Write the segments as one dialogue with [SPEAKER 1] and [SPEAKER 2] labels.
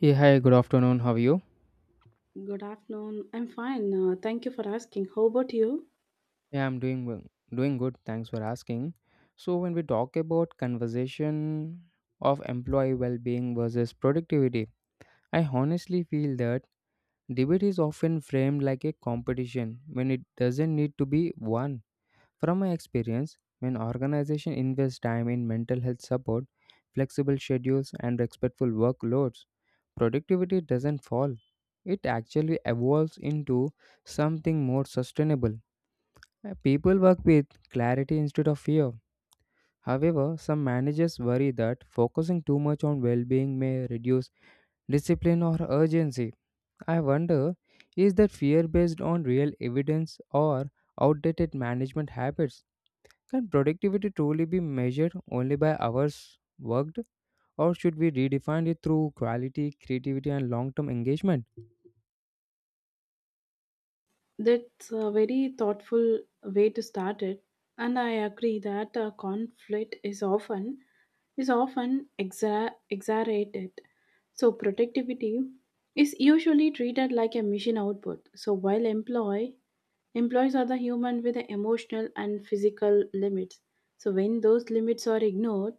[SPEAKER 1] Hey, hi, good afternoon. How are you?
[SPEAKER 2] Good afternoon. I'm fine. Thank you for asking. How about you?
[SPEAKER 1] Yeah, I'm doing doing good. Thanks for asking. So, when we talk about conversation of employee well-being versus productivity, I honestly feel that debate is often framed like a competition when it doesn't need to be one. From my experience, when organizations invest time in mental health support, flexible schedules, and respectful workloads, productivity doesn't fall. It actually evolves into something more sustainable. People work with clarity instead of fear. However, some managers worry that focusing too much on well being may reduce discipline or urgency. I wonder, is that fear based on real evidence or outdated management habits? Can productivity truly be measured only by hours worked, or should we redefine it through quality, creativity, and long term engagement?
[SPEAKER 2] That's a very thoughtful way to start it, and I agree that conflict is often exaggerated. So productivity is usually treated like a machine output. So while employees are the human with the emotional and physical limits. So when those limits are ignored,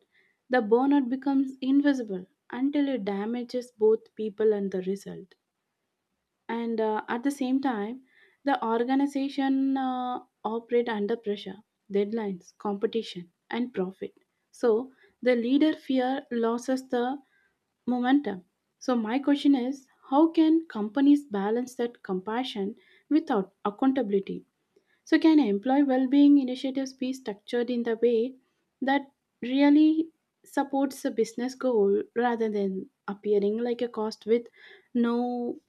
[SPEAKER 2] the burnout becomes invisible until it damages both people and the result. And at the same time, the organization operate under pressure, deadlines, competition, and profit. So the leader fear loses the momentum. So my question is, how can companies balance that compassion without accountability? So, can employee well-being initiatives be structured in the way that really supports the business goal rather than appearing like a cost with no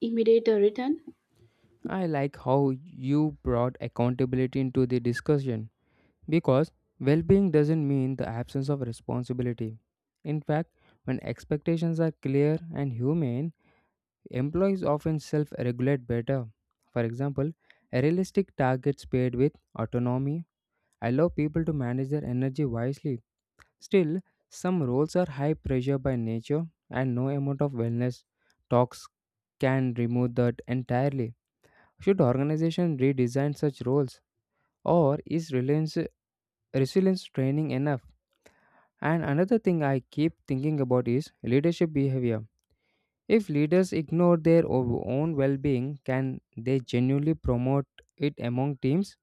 [SPEAKER 2] immediate return?
[SPEAKER 1] I like how you brought accountability into the discussion. Because well being doesn't mean the absence of responsibility. In fact, when expectations are clear and humane, employees often self regulate better. For example, a realistic targets paired with autonomy allow people to manage their energy wisely. Still, some roles are high pressure by nature, and no amount of wellness talks can remove that entirely. Should organizations redesign such roles, or is reliance resilience training enough? And another thing I keep thinking about is leadership behavior. If leaders ignore their own well being, can they genuinely promote it among teams?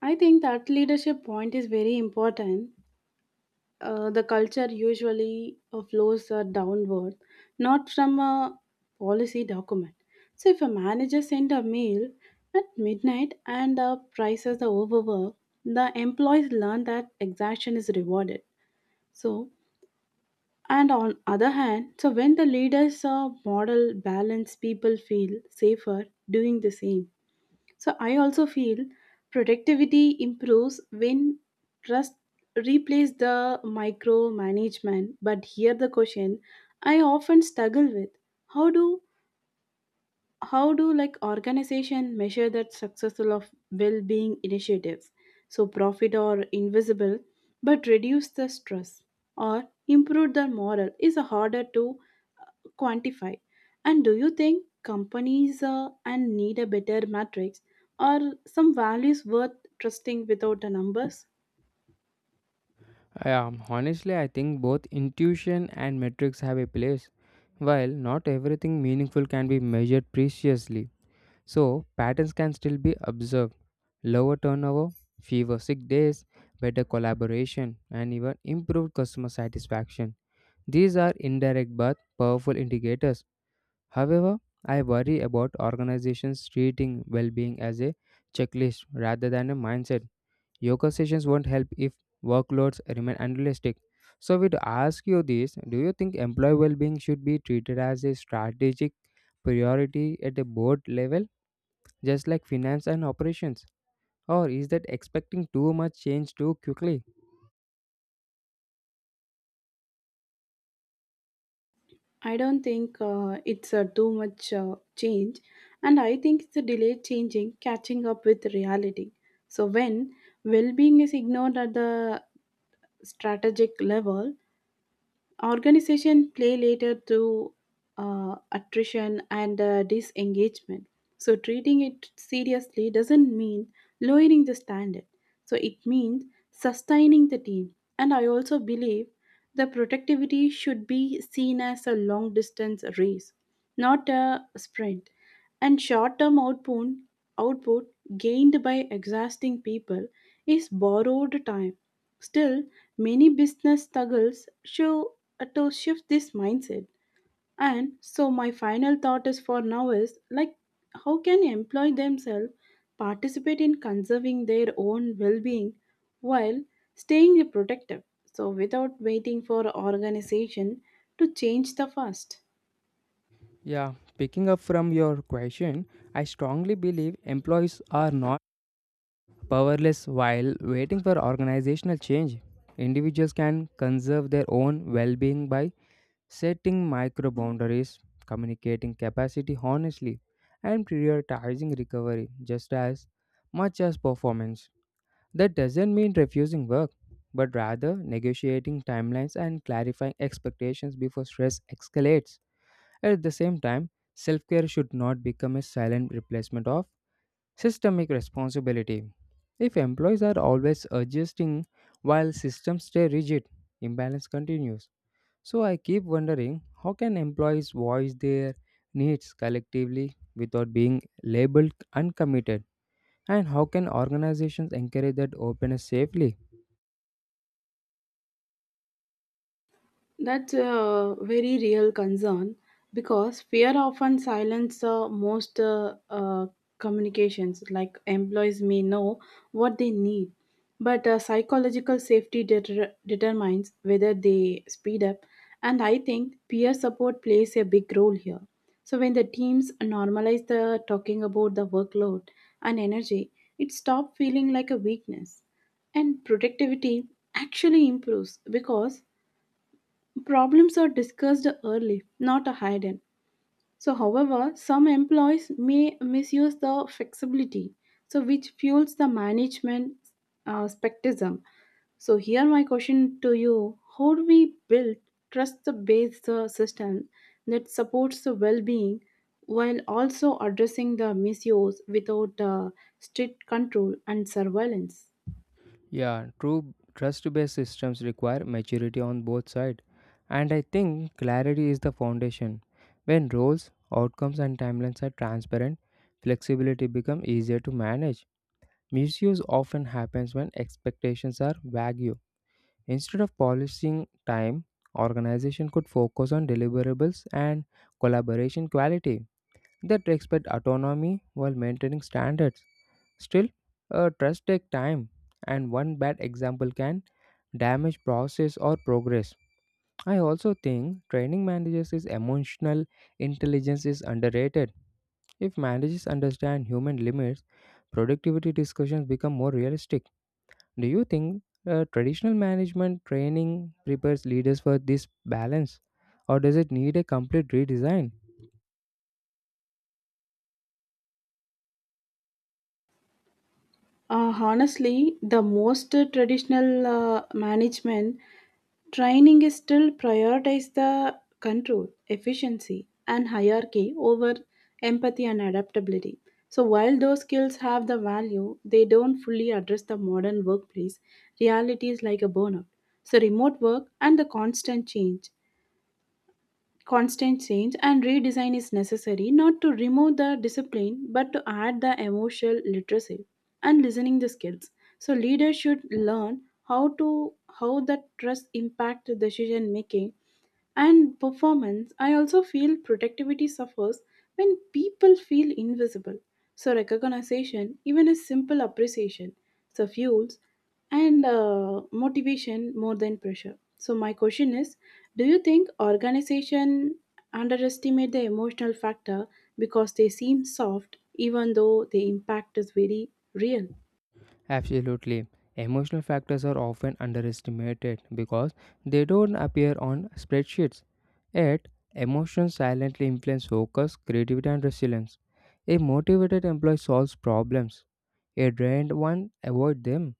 [SPEAKER 2] I think that leadership point is very important. The culture usually flows downward, not from a policy document. So, if a manager sends a mail at midnight and prices the overwork, the employees learn that exhaustion is rewarded. So, and on other hand, so when the leaders model balance, people feel safer doing the same. So I also feel productivity improves when trust replaces the micromanagement. But here the question I often struggle with: How do how do like organization measure that successful of well-being initiatives, so profit or invisible but reduce the stress or improve the morale is harder to quantify, and do you think companies and need a better matrix or some values worth trusting without the numbers?
[SPEAKER 1] Yeah, honestly, I think both intuition and metrics have a place. While not everything meaningful can be measured preciously, so patterns can still be observed. Lower turnover, fewer sick days, better collaboration, and even improved customer satisfaction. These are indirect but powerful indicators. However, I worry about organizations treating well being as a checklist rather than a mindset. Yoga sessions won't help if workloads remain unrealistic. So, we ask you this, do you think employee well being should be treated as a strategic priority at a board level, just like finance and operations? Or is that expecting too much change too quickly?
[SPEAKER 2] I don't think it's too much change, and I think it's a delayed changing, catching up with reality. So when well-being is ignored at the strategic level, organization play later through attrition and disengagement. So treating it seriously doesn't mean lowering the standard. So it means sustaining the team. And I also believe the productivity should be seen as a long distance race, not a sprint. And short term output gained by exhausting people is borrowed time. Still, many business struggles show to shift this mindset. And so my final thought is for now is like how can employee themselves participate in conserving their own well-being while staying productive? So without waiting for organization to change the fast.
[SPEAKER 1] Yeah, picking up from your question, I strongly believe employees are not powerless while waiting for organizational change, individuals can conserve their own well being by setting micro boundaries, communicating capacity honestly, and prioritizing recovery just as much as performance. That doesn't mean refusing work, but rather negotiating timelines and clarifying expectations before stress escalates. At the same time, self care should not become a silent replacement of systemic responsibility. If employees are always adjusting while systems stay rigid, imbalance continues. So I keep wondering, how can employees voice their needs collectively without being labeled uncommitted, and how can organizations encourage that openness safely?
[SPEAKER 2] That's a very real concern because fear often silences most communications. Like employees may know what they need, but psychological safety determines whether they speed up. And I think peer support plays a big role here. So when the teams normalize the talking about the workload and energy, it stops feeling like a weakness and productivity actually improves because problems are discussed early, not hidden. So, however, some employees may misuse the flexibility, so which fuels the management skepticism. So, here my question to you: How do we build trust-based system that supports the well-being while also addressing the misuse without strict control and surveillance?
[SPEAKER 1] Yeah, true trust based systems require maturity on both sides, and I think clarity is the foundation. When roles, outcomes, and timelines are transparent, flexibility becomes easier to manage. Misuse often happens when expectations are vague. Instead of polishing time, organization could focus on deliverables and collaboration quality that respect autonomy while maintaining standards. Still, a trust takes time, and one bad example can damage process or progress. I also think training managers' is emotional intelligence is underrated. If managers understand human limits, productivity discussions become more realistic. Do you think traditional management training prepares leaders for this balance, or does it need a complete redesign?
[SPEAKER 2] Honestly, the most traditional management training is still prioritizes the control, efficiency, and hierarchy over empathy and adaptability. So, while those skills have the value, they don't fully address the modern workplace realities like a burnout. So, remote work and the constant change and redesign is necessary not to remove the discipline but to add the emotional literacy and listening the skills. So leaders should learn how to how the trust impact the decision making and performance. I also feel productivity suffers when people feel invisible. So, recognition, even a simple appreciation, so fuels and motivation more than pressure. So, my question is, do you think organization underestimate the emotional factor because they seem soft, even though the impact is very real?
[SPEAKER 1] Absolutely. Emotional factors are often underestimated because they don't appear on spreadsheets. Yet, emotions silently influence focus, creativity, and resilience. A motivated employee solves problems. A drained one avoids them.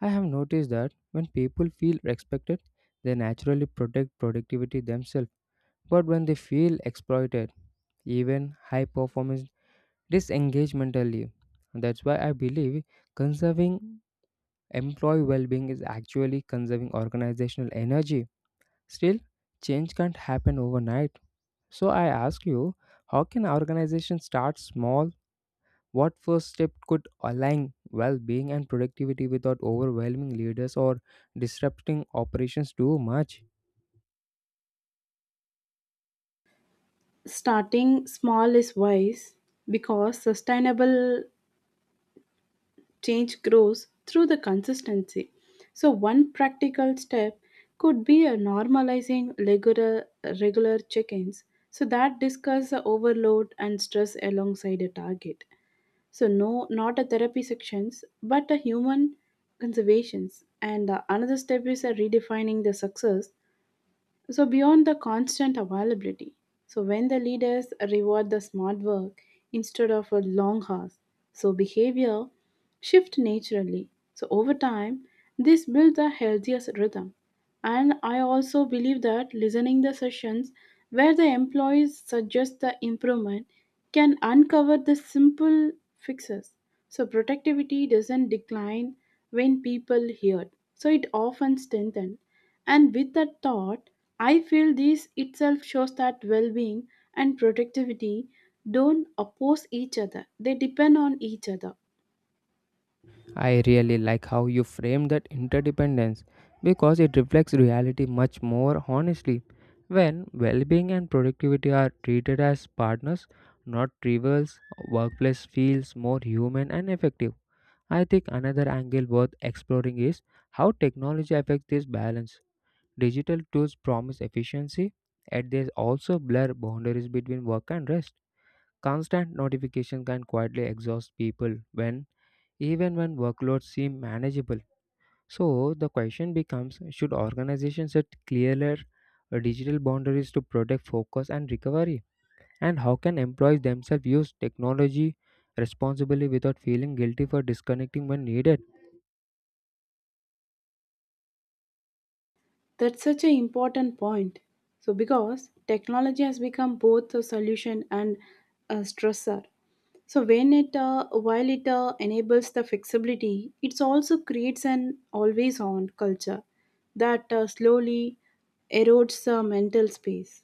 [SPEAKER 1] I have noticed that when people feel respected, they naturally protect productivity themselves. But when they feel exploited, even high performance disengage mentally. That's why I believe conserving employee well being is actually conserving organizational energy. Still, change can't happen overnight. So, I ask you, how can organizations start small? What first step could align well being and productivity without overwhelming leaders or disrupting operations too much?
[SPEAKER 2] Starting small is wise because sustainable change grows through the consistency. So, one practical step could be a normalizing regular check ins so that discuss the overload and stress alongside a target. So, no, not a therapy sections, but a human conservations. And another step is redefining the success, so, beyond the constant availability, so when the leaders reward the smart work instead of a long hours, so behavior shift naturally. So, over time, this builds a healthier rhythm. And I also believe that listening the sessions where the employees suggest the improvement can uncover the simple fixes. So, productivity doesn't decline when people hear it. So, it often strengthens. And with that thought, I feel this itself shows that well being and productivity don't oppose each other, they depend on each other.
[SPEAKER 1] I really like how you frame that interdependence because it reflects reality much more honestly. When well being and productivity are treated as partners, not rivals, workplace feels more human and effective. I think another angle worth exploring is how technology affects this balance. Digital tools promise efficiency, yet they also blur boundaries between work and rest. Constant notification can quietly exhaust people when even when workloads seem manageable. So the question becomes, should organizations set clearer digital boundaries to protect focus and recovery? And how can employees themselves use technology responsibly without feeling guilty for disconnecting when needed?
[SPEAKER 2] That's such an important point. So, because technology has become both a solution and a stressor. So, when it while it enables the flexibility, it also creates an always on culture that slowly erodes the mental space.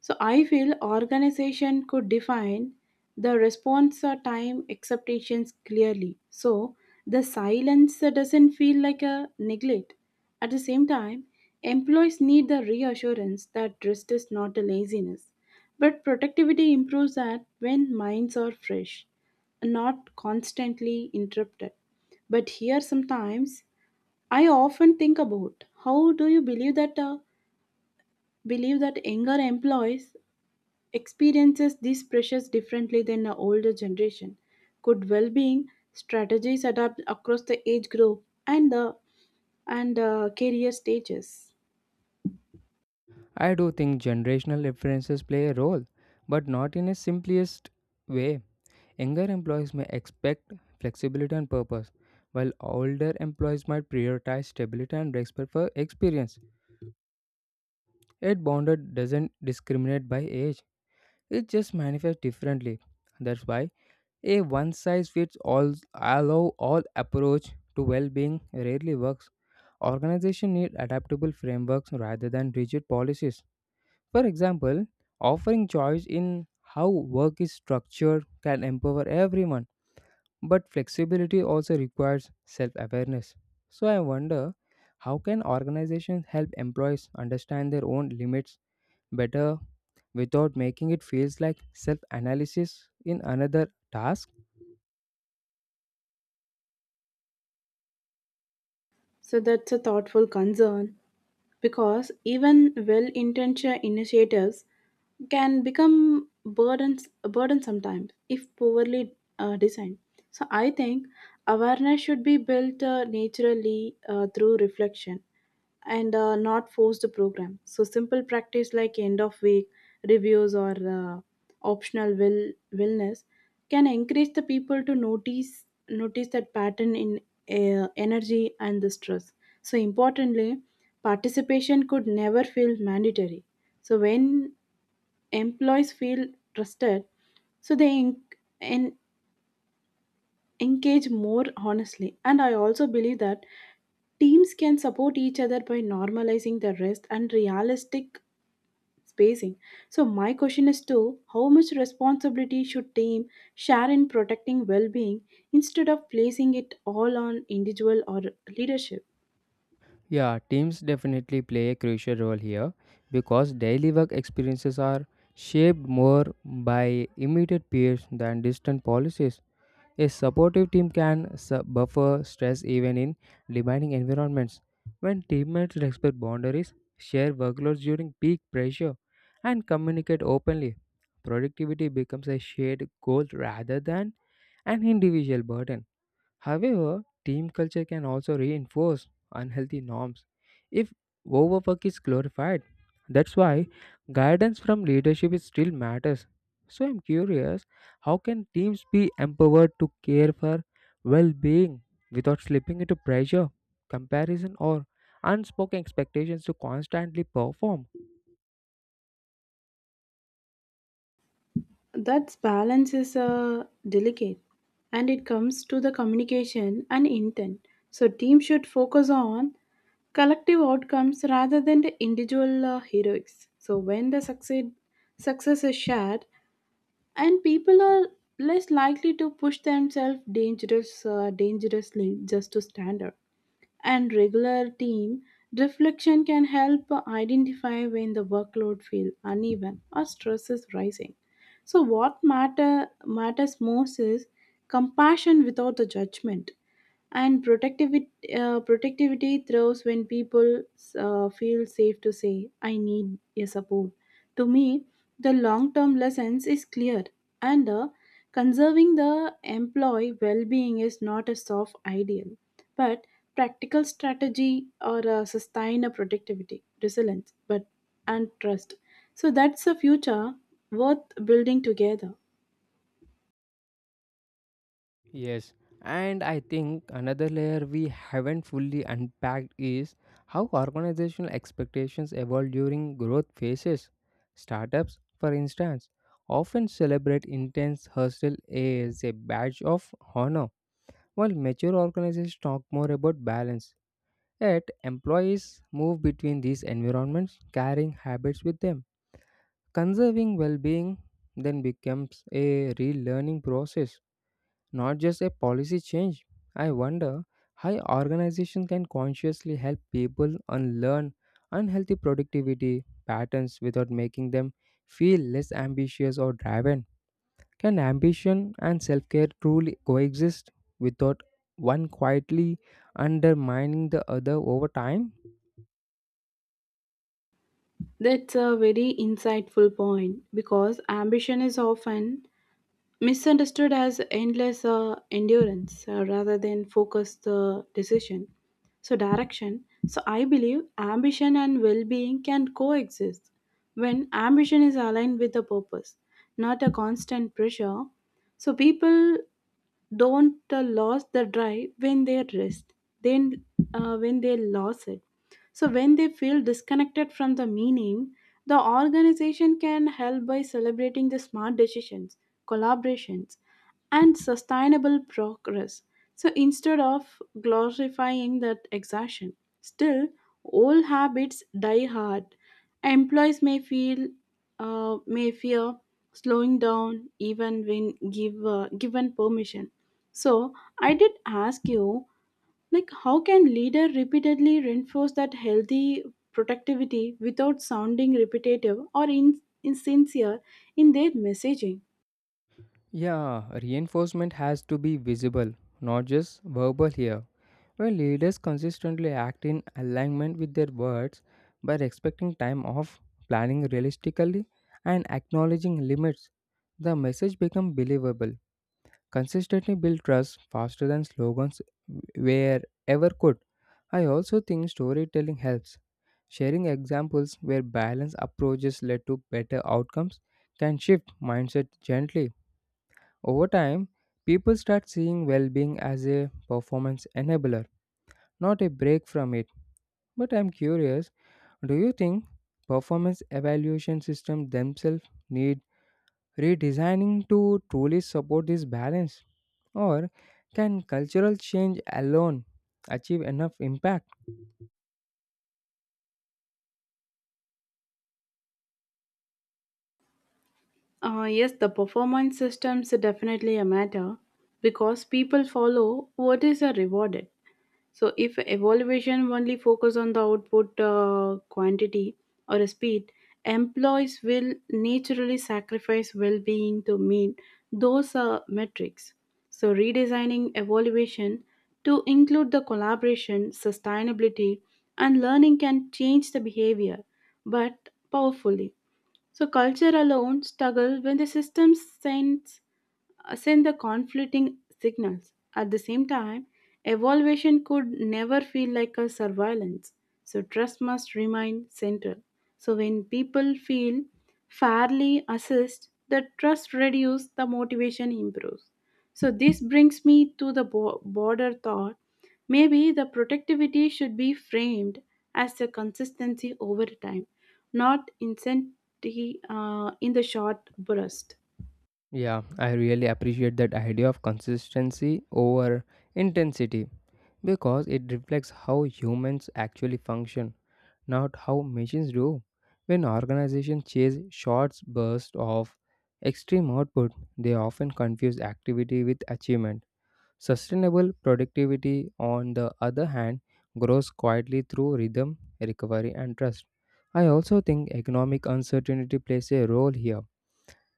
[SPEAKER 2] So I feel organization could define the response or time expectations clearly. So the silence doesn't feel like a neglect. At the same time, employees need the reassurance that rest is not a laziness, but productivity improves that when minds are fresh, not constantly interrupted. But here sometimes I often think about how do you believe that younger employees experiences these pressures differently than the older generation. Good well-being strategies adapt across the age group and career stages.
[SPEAKER 1] I do think generational differences play a role, but not in a simplest way. Younger employees may expect flexibility and purpose, while older employees might prioritize stability and respect for experience. Yet bonded doesn't discriminate by age. It just manifests differently. That's why a one size fits allow all approach to well-being rarely works. Organizations need adaptable frameworks rather than rigid policies. For example, offering choice in how work is structured can empower everyone, but flexibility also requires self-awareness. So I wonder, how can organizations help employees understand their own limits better without making it feels like self-analysis in another task?
[SPEAKER 2] So that's a thoughtful concern, because even well-intentioned initiatives can become burdens a burden sometimes if poorly designed. So I think awareness should be built naturally through reflection and not force the program. So simple practice like end of week reviews or optional will wellness can encourage the people to notice that pattern in energy and the stress. So importantly, participation could never feel mandatory. So when employees feel trusted, so they en- engage more honestly. And I also believe that teams can support each other by normalizing the rest and realistic spacing. So my question is too, how much responsibility should team share in protecting well-being instead of placing it all on individual or leadership?
[SPEAKER 1] Yeah, teams definitely play a crucial role here because daily work experiences are shaped more by immediate peers than distant policies. A supportive team can buffer stress even in demanding environments. When teammates respect boundaries, share workloads during peak pressure, and communicate openly, productivity becomes a shared goal rather than an individual burden. However, team culture can also reinforce unhealthy norms if overwork is glorified. That's why guidance from leadership is still matters. So I'm curious, how can teams be empowered to care for well-being without slipping into pressure, comparison or unspoken expectations to constantly perform?
[SPEAKER 2] That balance is delicate and it comes to the communication and intent. So, team should focus on collective outcomes rather than the individual heroics. So, when the succeed, success is shared, and people are less likely to push themselves dangerously just to stand up. And regular team, reflection can help identify when the workload feels uneven or stress is rising. So, what matters most is compassion without the judgment, and protectivity thrives when people feel safe to say, I need your support. To me, the long term lessons is clear, and conserving the employee well being is not a soft ideal, but practical strategy or sustain a productivity, resilience, but and trust. So that's a future worth building together.
[SPEAKER 1] Yes, and I think another layer we haven't fully unpacked is how organizational expectations evolve during growth phases. Startups, for instance, often celebrate intense hustle as a badge of honor, while mature organizations talk more about balance. Yet, employees move between these environments, carrying habits with them. Conserving well being then becomes a relearning process, not just a policy change. I wonder how organizations can consciously help people unlearn unhealthy productivity patterns without making them feel less ambitious or driven. Can ambition and self care truly coexist without one quietly undermining the other over time?
[SPEAKER 2] That's a very insightful point because ambition is often misunderstood as endless endurance rather than focused decision. So, direction. So, I believe ambition and well being can coexist when ambition is aligned with a purpose, not a constant pressure. So, people don't lose the drive when they rest, then when they lose it, so when they feel disconnected from the meaning. The organization can help by celebrating the smart decisions, collaborations, and sustainable progress, so instead of glorifying that exhaustion. Still, old habits die hard. Employees may feel may fear slowing down even when given permission. So I did ask you, like, how can leader repeatedly reinforce that healthy productivity without sounding repetitive or insincere in their messaging?
[SPEAKER 1] Yeah, reinforcement has to be visible, not just verbal here. When leaders consistently act in alignment with their words by respecting time off, planning realistically, and acknowledging limits, the message becomes believable. Consistently build trust faster than slogans wherever could. I also think storytelling helps. Sharing examples where balanced approaches led to better outcomes can shift mindset gently. Over time, people start seeing well being as a performance enabler, not a break from it. But I'm curious, do you think performance evaluation systems themselves need redesigning to truly support this balance? Or can cultural change alone achieve enough impact?
[SPEAKER 2] Yes, the performance systems are definitely a matter because people follow what is a rewarded. So if evaluation only focus on the output quantity or speed, employees will naturally sacrifice well-being to meet those metrics. So redesigning evaluation to include the collaboration, sustainability, and learning can change the behavior, but powerfully. So culture alone struggles when the system sends send the conflicting signals. At the same time, evaluation could never feel like a surveillance, so trust must remain central. So when people feel fairly assessed, the trust reduces, the motivation improves. So this brings me to the border thought. Maybe the productivity should be framed as a consistency over time, not insanity in the short burst.
[SPEAKER 1] Yeah, I really appreciate that idea of consistency over intensity because it reflects how humans actually function, not how machines do. When organizations chase short bursts of extreme output, they often confuse activity with achievement. Sustainable productivity, on the other hand, grows quietly through rhythm, recovery, and trust. I also think economic uncertainty plays a role here.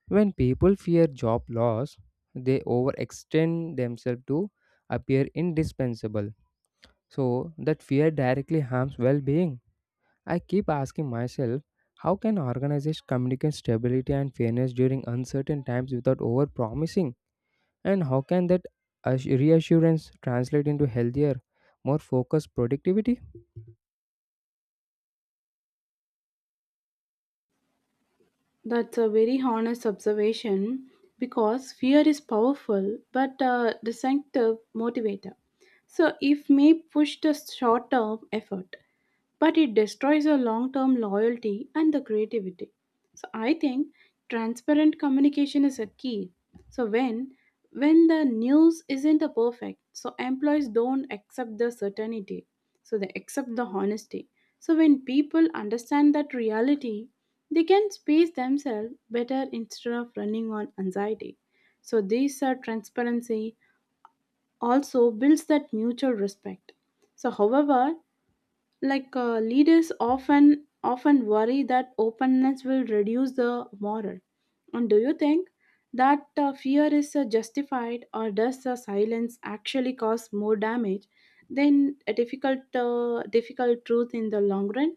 [SPEAKER 1] When people fear job loss, they overextend themselves to appear indispensable. So, that fear directly harms well being. I keep asking myself, how can organizations communicate stability and fairness during uncertain times without overpromising? And how can that reassurance translate into healthier, more focused productivity?
[SPEAKER 2] That's a very honest observation because fear is powerful but a distinctive motivator. So, it may push the short term effort, but it destroys your long term loyalty and the creativity. So, I think transparent communication is a key. So, when the news isn't a perfect, so employees don't accept the certainty, so they accept the honesty. So, when people understand that reality, they can space themselves better instead of running on anxiety. So these are transparency also builds that mutual respect. So however, like leaders often worry that openness will reduce the moral. And do you think that fear is justified, or does the silence actually cause more damage than a difficult truth in the long run?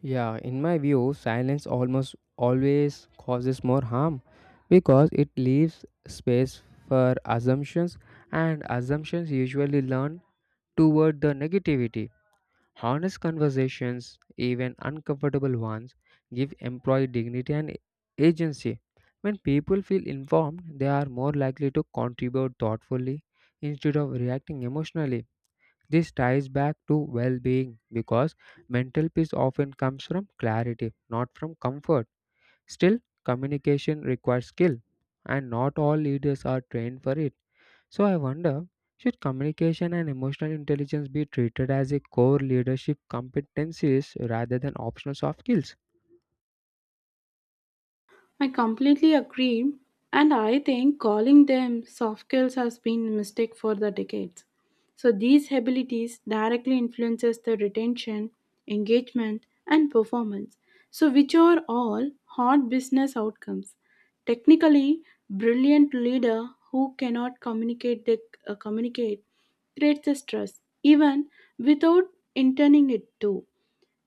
[SPEAKER 1] Yeah, in my view, silence almost always causes more harm because it leaves space for assumptions, and assumptions usually lean toward the negativity. Honest conversations, even uncomfortable ones, give employee dignity and agency. When people feel informed, they are more likely to contribute thoughtfully instead of reacting emotionally. This ties back to well being because mental peace often comes from clarity, not from comfort. Still, communication requires skill, and not all leaders are trained for it. So, I wonder, should communication and emotional intelligence be treated as a core leadership competencies rather than optional soft skills?
[SPEAKER 2] I completely agree, and I think calling them soft skills has been a mistake for the decades. So these abilities directly influences the retention, engagement, and performance, so which are all hard business outcomes. Technically, brilliant leader who cannot communicate creates a stress even without intending it to.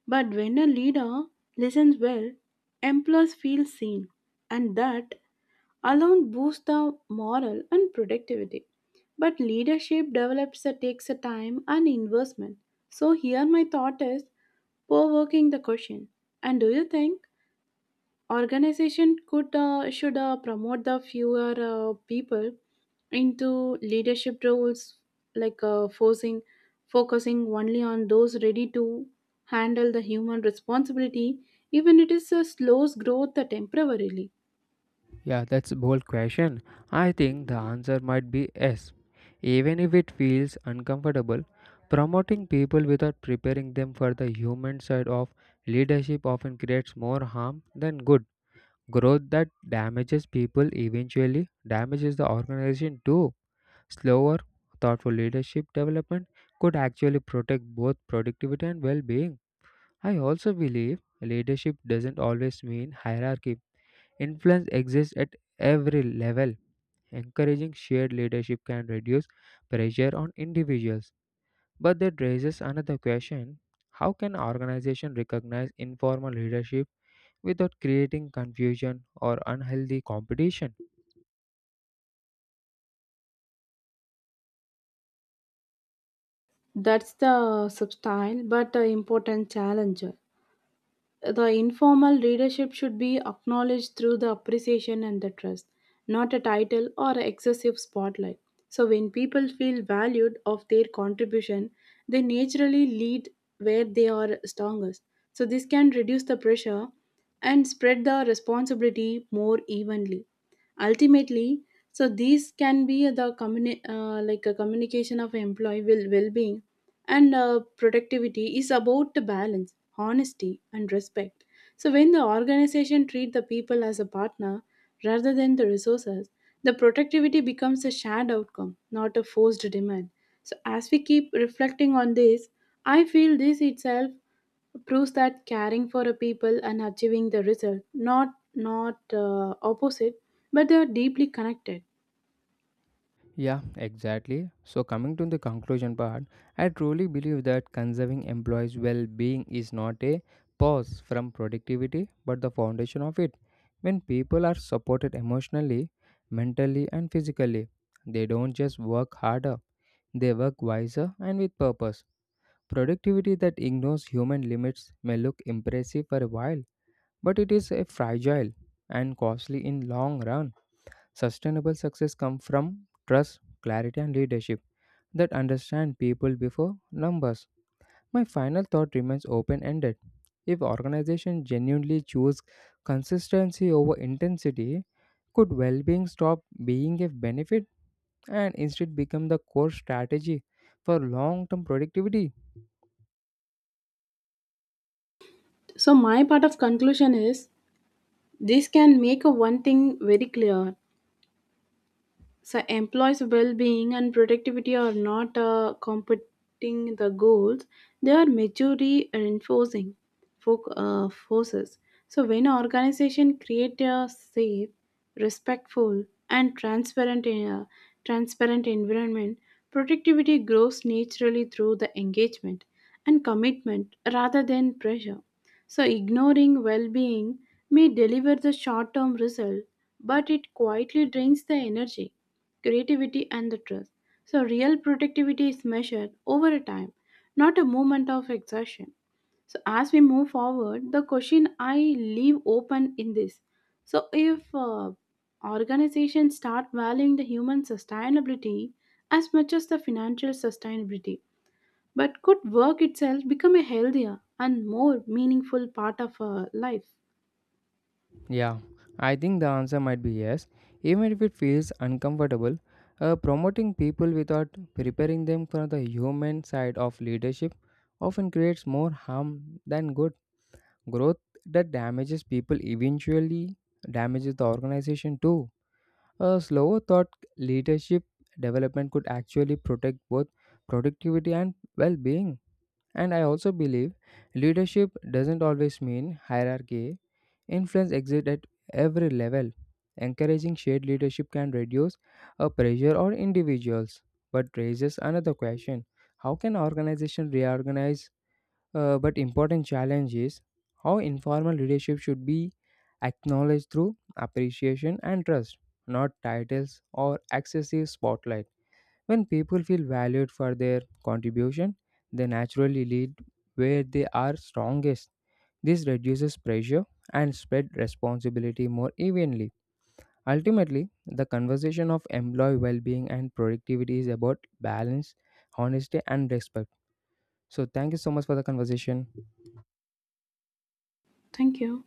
[SPEAKER 2] But when a leader listens well, employees feel seen, and that alone boosts the morale and productivity. But leadership develops takes a time and investment. So here my thought is, provoking the question. And do you think organization could should promote the fewer people into leadership roles, like forcing focusing only on those ready to handle the human responsibility, even it is a slows growth temporarily.
[SPEAKER 1] Yeah, that's a bold question. I think the answer might be yes. Even if it feels uncomfortable, promoting people without preparing them for the human side of leadership often creates more harm than good. Growth that damages people eventually damages the organization too. Slower, thoughtful leadership development could actually protect both productivity and well being. I also believe leadership doesn't always mean hierarchy. Influence exists at every level. Encouraging shared leadership can reduce pressure on individuals. But that raises another question, how can organizations recognize informal leadership without creating confusion or unhealthy competition?
[SPEAKER 2] That's the subtle but important challenge. The informal readership should be acknowledged through the appreciation and the trust, not a title or excessive spotlight. So when people feel valued of their contribution, they naturally lead where they are strongest. So this can reduce the pressure and spread the responsibility more evenly. Ultimately, so these can be the like a communication of employee will well-being and productivity is about the balance honesty and respect. So when the organization treat the people as a partner rather than the resources, the productivity becomes a shared outcome, not a forced demand. So as we keep reflecting on this, I feel this itself proves that caring for a people and achieving the result not opposite, but they are deeply connected.
[SPEAKER 1] Yeah, exactly. So, coming to the conclusion part, I truly believe that conserving employees' well being is not a pause from productivity but the foundation of it. When people are supported emotionally, mentally, and physically, they don't just work harder, they work wiser and with purpose. Productivity that ignores human limits may look impressive for a while, but it is a fragile and costly in long run. Sustainable success comes from trust, clarity, and leadership that understand people before numbers. My final thought remains open ended. If organizations genuinely choose consistency over intensity, could well being stop being a benefit and instead become the core strategy for long term productivity?
[SPEAKER 2] So my part of conclusion is this can make a one thing very clear. So employees' well-being and productivity are not competing the goals; they are mutually reinforcing forces. So when organization create a safe, respectful, and transparent environment, productivity grows naturally through the engagement and commitment rather than pressure. So, ignoring well being may deliver the short term result, but it quietly drains the energy, creativity, and the trust. So, real productivity is measured over a time, not a moment of exhaustion. So, as we move forward, the question I leave open in this, so, if organizations start valuing the human sustainability as much as the financial sustainability, but could work itself become a healthier and more meaningful part of our life?
[SPEAKER 1] Yeah, I think the answer might be yes, even if it feels uncomfortable. Promoting people without preparing them for the human side of leadership often creates more harm than good. Growth that damages people eventually damages the organization too. A slower thought leadership development could actually protect both productivity and well being. And I also believe leadership doesn't always mean hierarchy. Influence exists at every level. Encouraging shared leadership can reduce a pressure on individuals, but raises another question: how can organizations reorganize? But important challenge is how informal leadership should be acknowledged through appreciation and trust, not titles or excessive spotlight. When people feel valued for their contribution, they naturally lead where they are strongest. This reduces pressure and spread responsibility more evenly. Ultimately, the conversation of employee well-being and productivity is about balance, honesty and respect. So thank you so much for the conversation.
[SPEAKER 2] Thank you.